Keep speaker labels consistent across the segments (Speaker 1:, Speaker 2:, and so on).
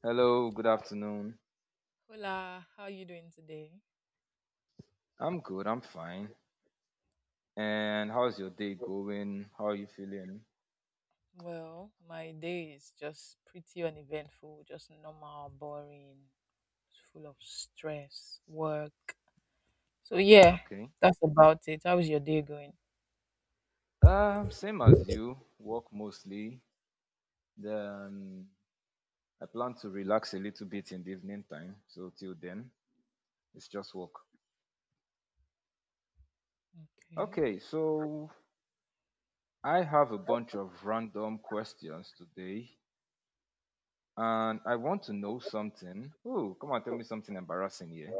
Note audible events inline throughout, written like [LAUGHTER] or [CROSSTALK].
Speaker 1: Hello, good afternoon.
Speaker 2: Hola, how you doing today?
Speaker 1: I'm good, I'm fine. And how's your day going? How are you feeling?
Speaker 2: Well, my day is just pretty uneventful, just normal, boring, full of stress, work. So yeah,
Speaker 1: Okay.
Speaker 2: that's about it. How's your day going?
Speaker 1: Same as you, work mostly. Then I plan to relax a little bit in the evening time. So till then, it's just work.
Speaker 2: Okay.
Speaker 1: Okay, so I have a bunch of random questions today, and I want to know something. Oh, come on, tell me something embarrassing here.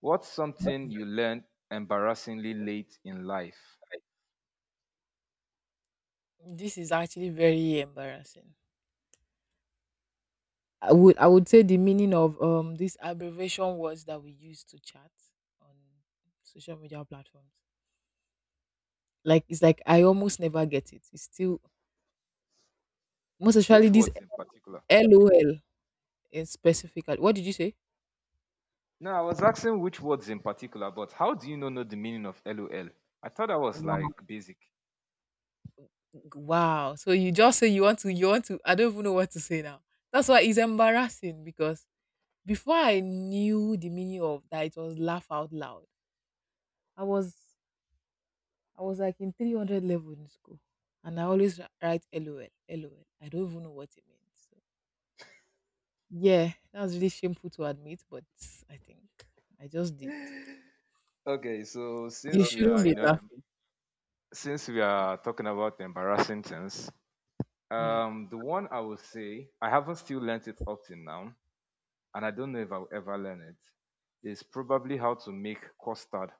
Speaker 1: What's something you learned embarrassingly late in life?
Speaker 2: This is actually very embarrassing. I would say the meaning of these abbreviation words that we use to chat on social media platforms. Like it's like I almost never get it. It's still most
Speaker 1: Which
Speaker 2: especially this
Speaker 1: words in particular?
Speaker 2: LOL in specifically. What did you say?
Speaker 1: No, I was asking which words in particular, but how do you know the meaning of LOL? I thought that was
Speaker 2: Wow.
Speaker 1: like basic.
Speaker 2: Wow. So you just say you want to I don't even know what to say now. That's why it's embarrassing because before I knew the meaning of that it was laugh out loud. I was I was like in 300 level in school and I always write LOL LOL. I don't even know what it means. So, yeah, that was really shameful to admit, but I think I just did.
Speaker 1: Okay, so
Speaker 2: You
Speaker 1: since we
Speaker 2: shouldn't
Speaker 1: are, you
Speaker 2: be
Speaker 1: know,
Speaker 2: laughing.
Speaker 1: since we are talking about embarrassing things,
Speaker 2: Mm.
Speaker 1: the one I will say I haven't still learnt it up till now, and I don't know if I'll ever learn it, is probably how to make custard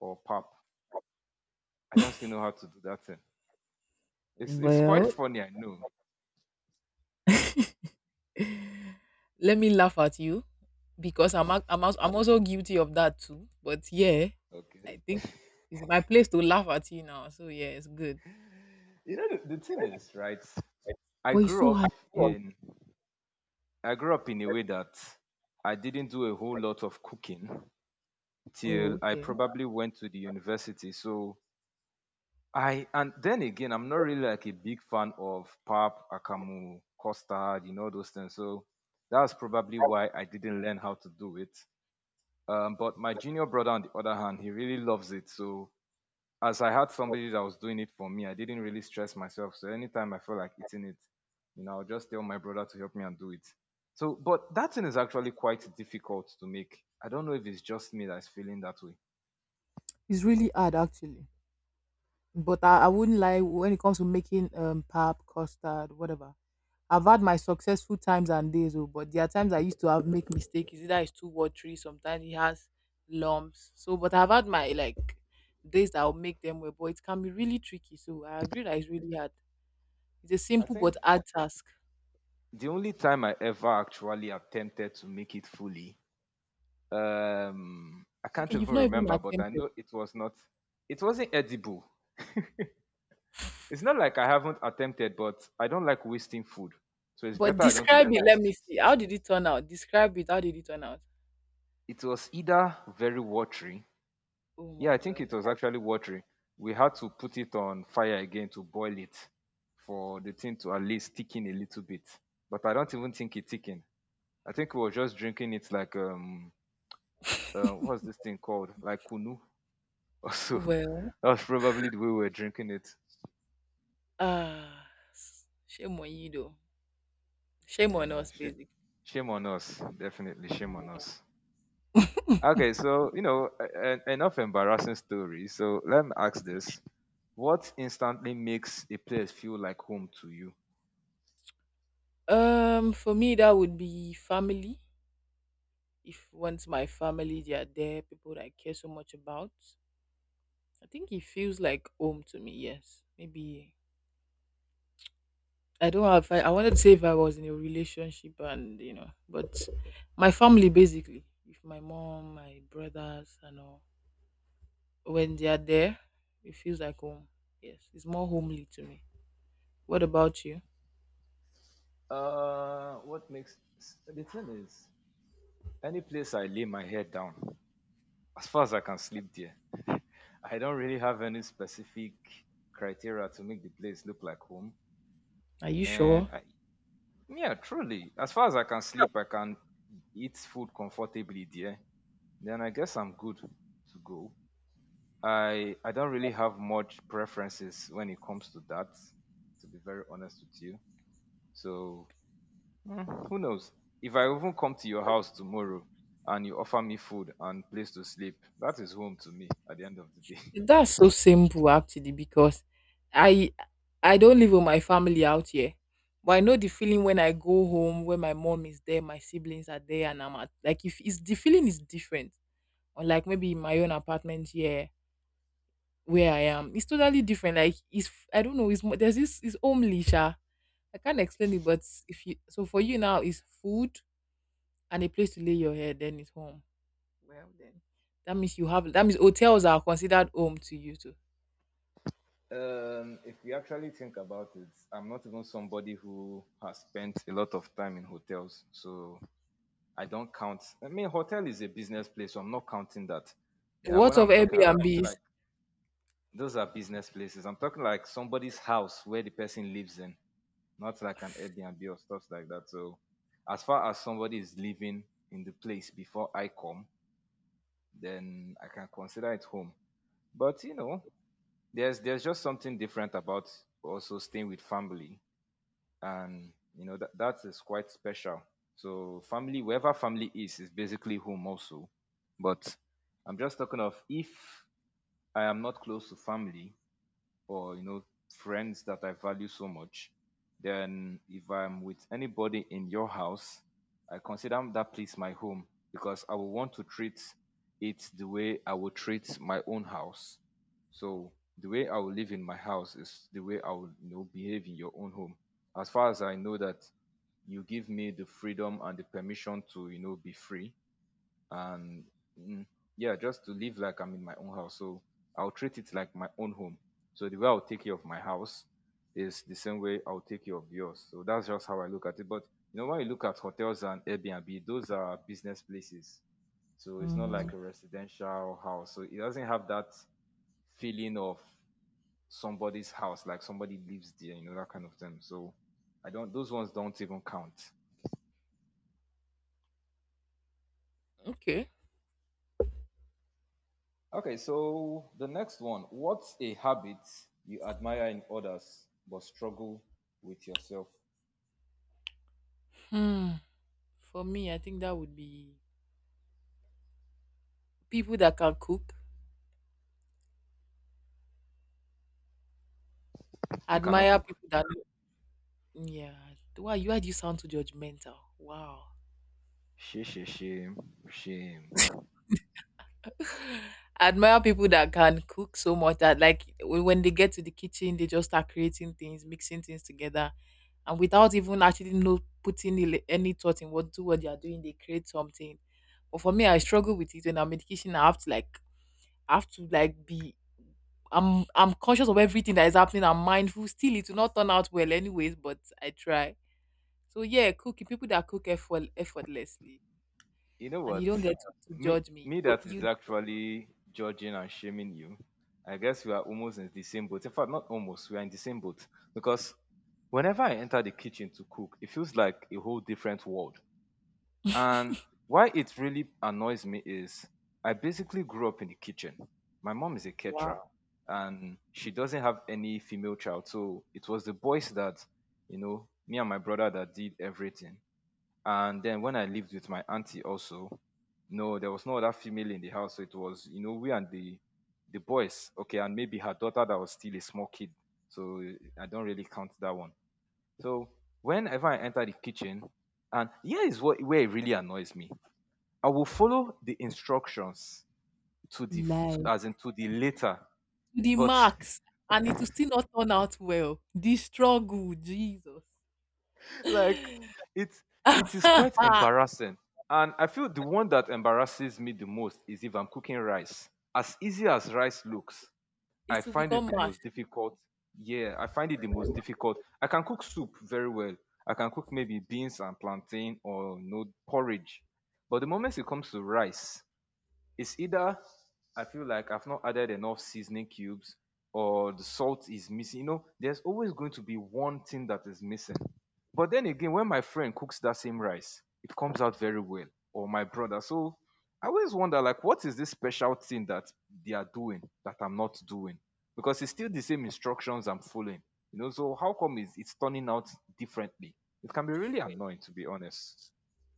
Speaker 1: or pap. I don't still know how to do that thing. It's quite
Speaker 2: Well,
Speaker 1: funny, I know.
Speaker 2: [LAUGHS] let me laugh at you because I'm also guilty of that too. But yeah,
Speaker 1: Okay,
Speaker 2: I think it's my place to laugh at you now. So yeah, it's good.
Speaker 1: you know the thing is right. I
Speaker 2: But it's
Speaker 1: grew
Speaker 2: so
Speaker 1: up
Speaker 2: hard.
Speaker 1: in I grew up in a way that I didn't do a whole lot of cooking till
Speaker 2: Oh,
Speaker 1: I
Speaker 2: okay.
Speaker 1: probably went to the university. So I and then again, I'm not really like a big fan of pap, akamu, custard, you know those things. So that's probably why I didn't learn how to do it. But my junior brother, on the other hand, he really loves it. So as I had somebody that was doing it for me, I didn't really stress myself. So anytime I felt like eating it, you know, I'll just tell my brother to help me and do it. So but that thing is actually quite difficult to make. I don't know if it's just me that's feeling that way.
Speaker 2: It's really hard actually. But I wouldn't lie when it comes to making pap, custard, whatever. I've had my successful times and days, oh, but there are times I used to have make mistakes. It's either it's two or three. Sometimes it has lumps. So, but I've had my like days that I'll make them well, but it can be really tricky. So I agree that it's really hard. It's a
Speaker 1: I
Speaker 2: simple
Speaker 1: think
Speaker 2: but hard task.
Speaker 1: the only time I ever actually attempted to make it fully, I can't
Speaker 2: Okay,
Speaker 1: even
Speaker 2: you've not even
Speaker 1: remember, but I
Speaker 2: attempted.
Speaker 1: know it was not it wasn't edible. It's not like I haven't attempted, but I don't like wasting food, so it's
Speaker 2: But
Speaker 1: better I don't
Speaker 2: describe
Speaker 1: even
Speaker 2: it. Let
Speaker 1: waste it.
Speaker 2: me see. How did it turn out? Describe it. How did it turn out?
Speaker 1: It was either very watery.
Speaker 2: Oh
Speaker 1: Yeah, I
Speaker 2: my
Speaker 1: think it
Speaker 2: God.
Speaker 1: was actually watery. We had to put it on fire again to boil it for the thing to at least thicken a little bit. But I don't even think it thickened. I think we were just drinking it like what's this thing called? Like kunu or so. [LAUGHS]
Speaker 2: Well,
Speaker 1: That was probably the way we were drinking it.
Speaker 2: ah, shame on you though. Shame on
Speaker 1: Yeah,
Speaker 2: us,
Speaker 1: shame,
Speaker 2: basically.
Speaker 1: shame on us. Definitely shame on us. Okay, so you know, enough embarrassing stories. So let me ask this: what instantly makes a place feel like home to you?
Speaker 2: For me, that would be family. If once my family they are there, people that I care so much about, I think it feels like home to me. Yes, maybe I don't have. I wanted to say if I was in a relationship and but my family basically, with my mom, my brothers, and all, when they are there, it feels like home. Yes, it's more homely to me. What about you?
Speaker 1: What makes the thing is, any place I lay my head down, as far as I can sleep there, [LAUGHS] I don't really have any specific criteria to make the place look like home.
Speaker 2: Are you
Speaker 1: And
Speaker 2: sure?
Speaker 1: I, yeah, truly, as far as I can sleep, I can eat food comfortably there. Then I guess I'm good to go. I don't really have much preferences when it comes to that, to be very honest with you. So mm, who knows? If I even come to your house tomorrow and you offer me food and place to sleep, that is home to me at the end of the day. [LAUGHS]
Speaker 2: That's so simple actually because I I don't live with my family out here. But I know the feeling when I go home when my mom is there, my siblings are there and I'm at like if it's the feeling is different. Or like maybe in my own apartment here where I am. It's totally different. Like it's I don't know, it's more there's this it's homely sha. I can't explain it, but if you so for you now it's food and a place to lay your head, then it's home. Well then. That means you have that means hotels are considered home to you too.
Speaker 1: If we actually think about it, I'm not even somebody who has spent a lot of time in hotels, so I don't count. I mean, hotel is a business place, so I'm not counting that. You know, when
Speaker 2: What of
Speaker 1: I'm talking
Speaker 2: Airbnbs?
Speaker 1: like those are business places. I'm talking like somebody's house where the person lives in, not like an Airbnb or stuff like that. So as far as somebody is living in the place before I come, then I can consider it home. But you know, there's just something different about also staying with family, and you know that is quite special. So family, wherever family is basically home also. But I'm just talking of if I am not close to family, or you know friends that I value so much, then if I'm with anybody in your house, I consider that place my home because I will want to treat it the way I would treat my own house. So the way I will live in my house is the way I will, you know, behave in your own home. As far as I know that you give me the freedom and the permission to, you know, be free and mm, yeah, just to live like I'm in my own house. So I'll treat it like my own home. So the way I'll take care of my house is the same way I'll take care of yours. So that's just how I look at it. But you know, when you look at hotels and Airbnb, those are business places, so it's not
Speaker 2: Hmm.
Speaker 1: like a residential house, so it doesn't have that feeling of somebody's house, like somebody lives there, you know, that kind of thing. So I don't, those ones don't even count.
Speaker 2: Okay.
Speaker 1: Okay, so the next one. What's a habit you admire in others but struggle with yourself?
Speaker 2: Hmm. For me, I think that would be people that can cook.
Speaker 1: You cannot
Speaker 2: Admire
Speaker 1: cook.
Speaker 2: people that. Yeah. Why? Why do you sound too judgmental? Wow.
Speaker 1: Shame, shame, shame, shame.
Speaker 2: [LAUGHS] Admire people that can cook so much that, like, when they get to the kitchen, they just start creating things, mixing things together, and without even actually know putting any thought in what they are doing, they create something. But for me, I struggle with it when I'm in the kitchen. I have to like be I'm conscious of everything that is happening. I'm mindful. Still, it will not turn out well, anyways. But I try. So yeah, cooking people that cook effortlessly,
Speaker 1: You know
Speaker 2: and you
Speaker 1: what?
Speaker 2: don't get to
Speaker 1: Me,
Speaker 2: judge me.
Speaker 1: me
Speaker 2: You,
Speaker 1: that is
Speaker 2: you
Speaker 1: actually judging and shaming you. I guess we are almost in the same boat. In fact, not almost. We are in the same boat because whenever I enter the kitchen to cook, it feels like a whole different world. And why it really annoys me is I basically grew up in the kitchen. My mom is a caterer
Speaker 2: wow,
Speaker 1: and she doesn't have any female child. So it was the boys that, you know, me and my brother that did everything. And then when I lived with my auntie also, no, there was no other female in the house. So it was, you know, we and the boys, okay, and maybe her daughter that was still a small kid. So I don't really count that one. So whenever I enter the kitchen, and here is what where it really annoys me. I will follow the instructions to the,
Speaker 2: Life.
Speaker 1: as in to the later,
Speaker 2: To the
Speaker 1: but
Speaker 2: max, and it will still not turn out well. The struggle, Jesus, [LAUGHS]
Speaker 1: [LAUGHS] like
Speaker 2: it
Speaker 1: it it is quite embarrassing. And I feel the one that embarrasses me the most is if I'm cooking rice. As easy as rice looks, I
Speaker 2: will
Speaker 1: find it
Speaker 2: become
Speaker 1: the
Speaker 2: much
Speaker 1: most difficult. Yeah, I find it the most difficult. I can cook soup very well. I can cook maybe beans and plantain or no porridge. But the moment it comes to rice, it's either I feel like I've not added enough seasoning cubes or the salt is missing. You know, there's always going to be one thing that is missing. But then again, when my friend cooks that same rice, it comes out very well, or my brother. So I always wonder, like, what is this special thing that they are doing that I'm not doing? Because it's still the same instructions I'm following. You know, so how come is it's turning out differently? It can be really
Speaker 2: different.
Speaker 1: annoying, to be honest.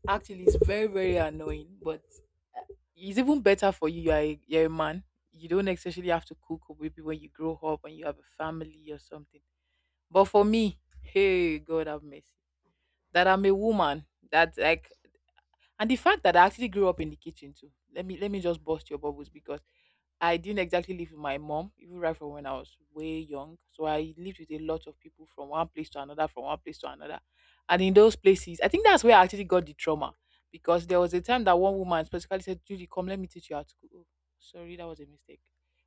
Speaker 2: Actually, it's very very annoying, but it's even better for you. You're a man. You don't necessarily have to cook or maybe when you grow up and you have a family or something. But for me, hey, God have mercy. That I'm a woman. That like and the fact that I actually grew up in the kitchen too. Let me just bust your bubbles because I didn't exactly live with my mom, even right from when I was way young. So I lived with a lot of people from one place to another, from one place to another. And in those places, I think that's where I actually got the trauma because there was a time that one woman specifically said, "Judy, come, let me teach you how to cook. Oh, sorry, that was a mistake.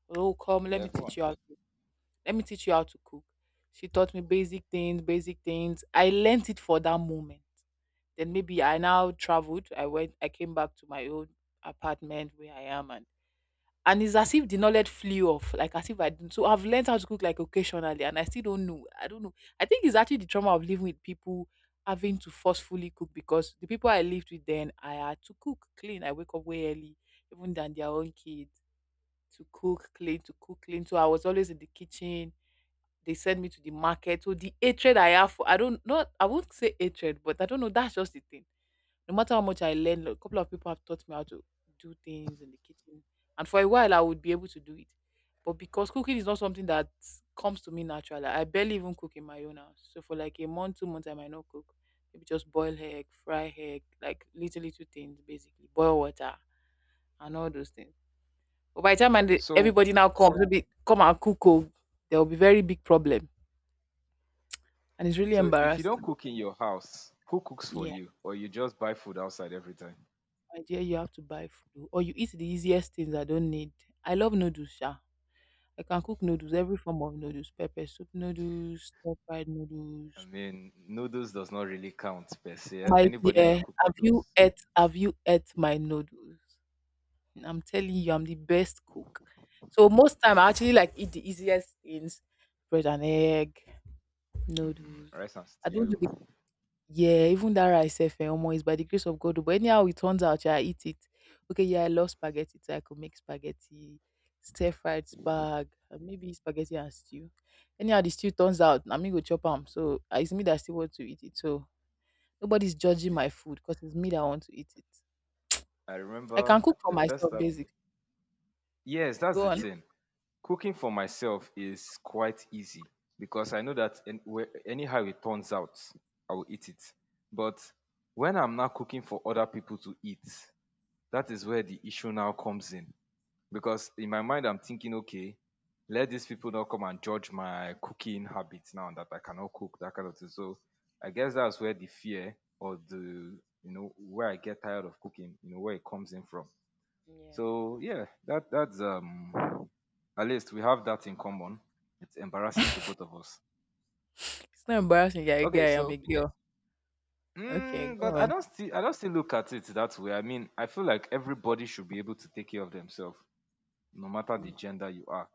Speaker 2: Oh, come, let
Speaker 1: Yeah,
Speaker 2: me
Speaker 1: go on.
Speaker 2: teach you how to let me teach you how to cook." She taught me basic things, basic things. I learnt it for that moment. Then maybe I now traveled. I went, I came back to my own apartment where I am and it's as if the knowledge flew off, like as if I didn't. So I've learned how to cook like occasionally, and I still don't know. I don't know. I think it's actually the trauma of living with people having to forcefully cook because the people I lived with then I had to cook, clean. I wake up way early, even than their own kids, to cook, clean, to cook, clean. So I was always in the kitchen. They sent me to the market. So the hatred I have for I don't know. I won't say hatred, but I don't know. That's just the thing no matter how much I learned, a couple of people have taught me how to do things in the kitchen. And for a while, I would be able to do it. But because cooking is not something that comes to me naturally, I barely even cook in my own house. So for like a month, 2 months, I might not cook. Maybe just boil egg, fry egg, like little, little things, basically. Boil water and all those things. But by the time and
Speaker 1: So
Speaker 2: everybody now comes, maybe come and cook, oh, there will be very big problem, and it's really
Speaker 1: So if you don't
Speaker 2: embarrassing.
Speaker 1: cook in your house, who cooks for
Speaker 2: Yeah.
Speaker 1: you? Or you just buy food outside every time?
Speaker 2: My dear, you have to buy food or you eat the easiest things I don't need. I love noodles, sha. I can cook noodles, every form of noodles, pepper soup noodles, stir fried noodles.
Speaker 1: I mean, noodles does not really count per se.
Speaker 2: My
Speaker 1: Anybody can
Speaker 2: dear,
Speaker 1: cook
Speaker 2: have
Speaker 1: noodles.
Speaker 2: you ate have you ate my noodles? I'm telling you, I'm the best cook. So most time I actually like eat the easiest things. Bread and egg, noodles.
Speaker 1: Rice and
Speaker 2: I don't do.
Speaker 1: stew.
Speaker 2: Yeah, even that rice sef omo, is by the grace of God oh, but anyhow it turns out sha, I eat it. Okay, yeah, I love spaghetti so I could make spaghetti, stir-fried spag, and maybe spaghetti and stew. Anyhow the stew turns out na me go chop am, so it's me that still want to eat it, so nobody's judging my food because it's me that want to eat it.
Speaker 1: I
Speaker 2: I
Speaker 1: remember
Speaker 2: can cook for
Speaker 1: the first
Speaker 2: myself
Speaker 1: time.
Speaker 2: basically.
Speaker 1: Yes, that's
Speaker 2: Go
Speaker 1: the
Speaker 2: on.
Speaker 1: thing. Cooking for myself is quite easy because I know that anyhow it turns out, I will eat it. But when I'm now cooking for other people to eat, that is where the issue now comes in because in my mind I'm thinking, okay, let these people not come and judge my cooking habits now, that I cannot cook, that kind of thing. So I guess that's where the fear or the, you know, where I get tired of cooking, you know, where it comes in from.
Speaker 2: Yeah.
Speaker 1: So yeah, that that's at least we have that in common. It's embarrassing to both of us.
Speaker 2: It's not embarrassing you're a
Speaker 1: Okay,
Speaker 2: guy, I'm a
Speaker 1: so
Speaker 2: girl. Okay,
Speaker 1: mm, but
Speaker 2: go on. [LAUGHS]
Speaker 1: I don't still look at it that way. I mean, I feel like everybody should be able to take care of themselves no matter the gender you are.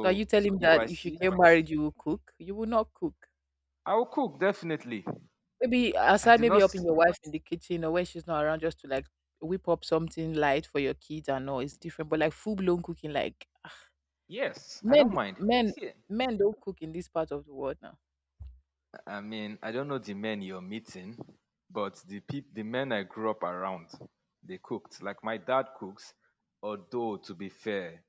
Speaker 2: So are you telling me
Speaker 1: if
Speaker 2: that
Speaker 1: I
Speaker 2: if you
Speaker 1: see
Speaker 2: get married you will cook? You will not cook.
Speaker 1: I'll cook definitely.
Speaker 2: Maybe
Speaker 1: I
Speaker 2: aside,
Speaker 1: do not.
Speaker 2: maybe helping
Speaker 1: S-
Speaker 2: your wife in the kitchen or when she's not around, just to like whip up something light for your kids and all. It's different, but like full blown cooking, like
Speaker 1: Yes, I
Speaker 2: men,
Speaker 1: don't mind.
Speaker 2: men,
Speaker 1: You see,
Speaker 2: men don't cook in this part of the world now.
Speaker 1: I mean, I don't know the men you're meeting, but the men I grew up around, they cooked. Like my dad cooks. Although to be fair,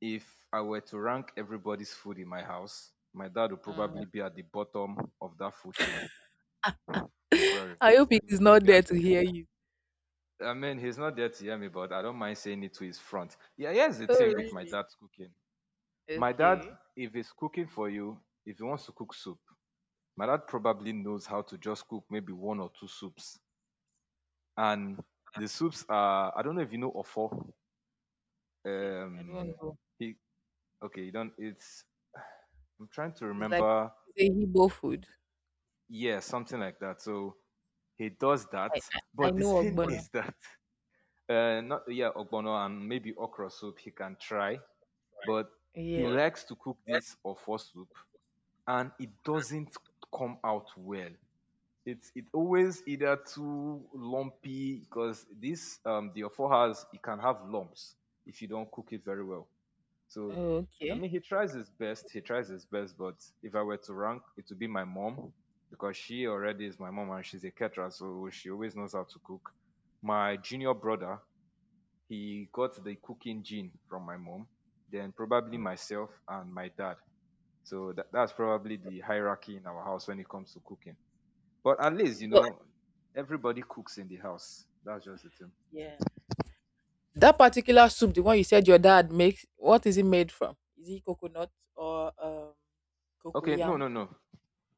Speaker 1: if I were to rank everybody's food in my house, my dad would
Speaker 2: Mm.
Speaker 1: probably be at the bottom of that food chain. I'm sorry,
Speaker 2: [LAUGHS] I hope
Speaker 1: he'll
Speaker 2: he's
Speaker 1: he'll
Speaker 2: not
Speaker 1: be at.
Speaker 2: there to hear you.
Speaker 1: I mean, he's not there to hear me, but I don't mind saying it to his front. Yeah, here's the
Speaker 2: Oh,
Speaker 1: thing with my
Speaker 2: really?
Speaker 1: dad's cooking. My dad,
Speaker 2: Okay.
Speaker 1: if he's cooking for you, if he wants to cook soup, my dad probably knows how to just cook maybe one or two soups. And the soups are, I don't know if you know Ofo.
Speaker 2: Okay. I don't
Speaker 1: Um
Speaker 2: know.
Speaker 1: he Okay, you don't. It's I'm trying to
Speaker 2: It's like
Speaker 1: remember.
Speaker 2: it's a Igbo food.
Speaker 1: Yeah, something like that. So he does that.
Speaker 2: I I
Speaker 1: But the
Speaker 2: know
Speaker 1: thing [LAUGHS]
Speaker 2: Ogbono.
Speaker 1: is that not, yeah, ogbono and maybe okra soup he can try, but
Speaker 2: Yeah.
Speaker 1: he likes to cook this Ofo soup and it doesn't come out well. It's it always either too lumpy because this the ofo has, it can have lumps if you don't cook it very well. So
Speaker 2: Oh,
Speaker 1: I
Speaker 2: okay.
Speaker 1: mean, he tries his best, but if I were to rank, it would be my mom because she already is my mom and she's a caterer, so she always knows how to cook. My junior brother, he got the cooking gene from my mom, then probably
Speaker 2: Oh,
Speaker 1: myself and my dad. So that's probably the hierarchy in our house when it comes to cooking. But at least, you
Speaker 2: but
Speaker 1: know, everybody cooks in the house. That's just the thing.
Speaker 2: yeah. That particular soup, the one you said your dad makes, what is it made from? Is it coconut or
Speaker 1: Okay, no,
Speaker 2: cocoyam?
Speaker 1: no, no.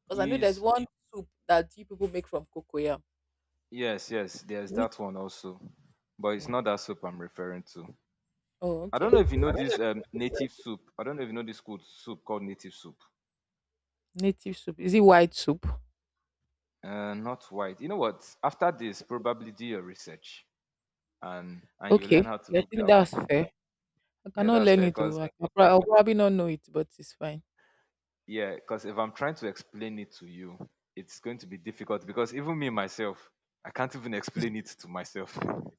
Speaker 2: Because I know there's
Speaker 1: Is
Speaker 2: one soup that you people make from cocoyam.
Speaker 1: Yes, yes, there's
Speaker 2: Is it?
Speaker 1: that one also. But it's
Speaker 2: Yeah.
Speaker 1: not that soup I'm referring to.
Speaker 2: Oh,
Speaker 1: I
Speaker 2: okay.
Speaker 1: don't know if you know this native soup. I don't know if you know this good soup called native soup.
Speaker 2: Native soup. Is it white soup?
Speaker 1: Not white. You know what? After this, probably do your research and you learn
Speaker 2: Okay.
Speaker 1: how to
Speaker 2: Yeah, I
Speaker 1: cook
Speaker 2: think
Speaker 1: that one.
Speaker 2: that's fair. I
Speaker 1: Yeah,
Speaker 2: cannot
Speaker 1: that's
Speaker 2: learn
Speaker 1: fair.
Speaker 2: it though.
Speaker 1: Cause
Speaker 2: I'll probably not know it, but it's fine.
Speaker 1: Yeah, cause if I'm trying to explain it to you, it's going to be difficult because even me myself, I can't even
Speaker 2: It's
Speaker 1: explain it to myself. [LAUGHS]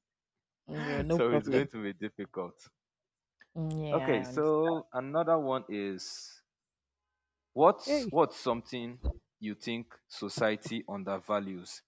Speaker 2: real,
Speaker 1: [LAUGHS]
Speaker 2: no
Speaker 1: So it's going
Speaker 2: problem.
Speaker 1: to be difficult.
Speaker 2: Mm,
Speaker 1: Okay,
Speaker 2: yeah, I
Speaker 1: so another one is
Speaker 2: understand.
Speaker 1: what's something you think society undervalues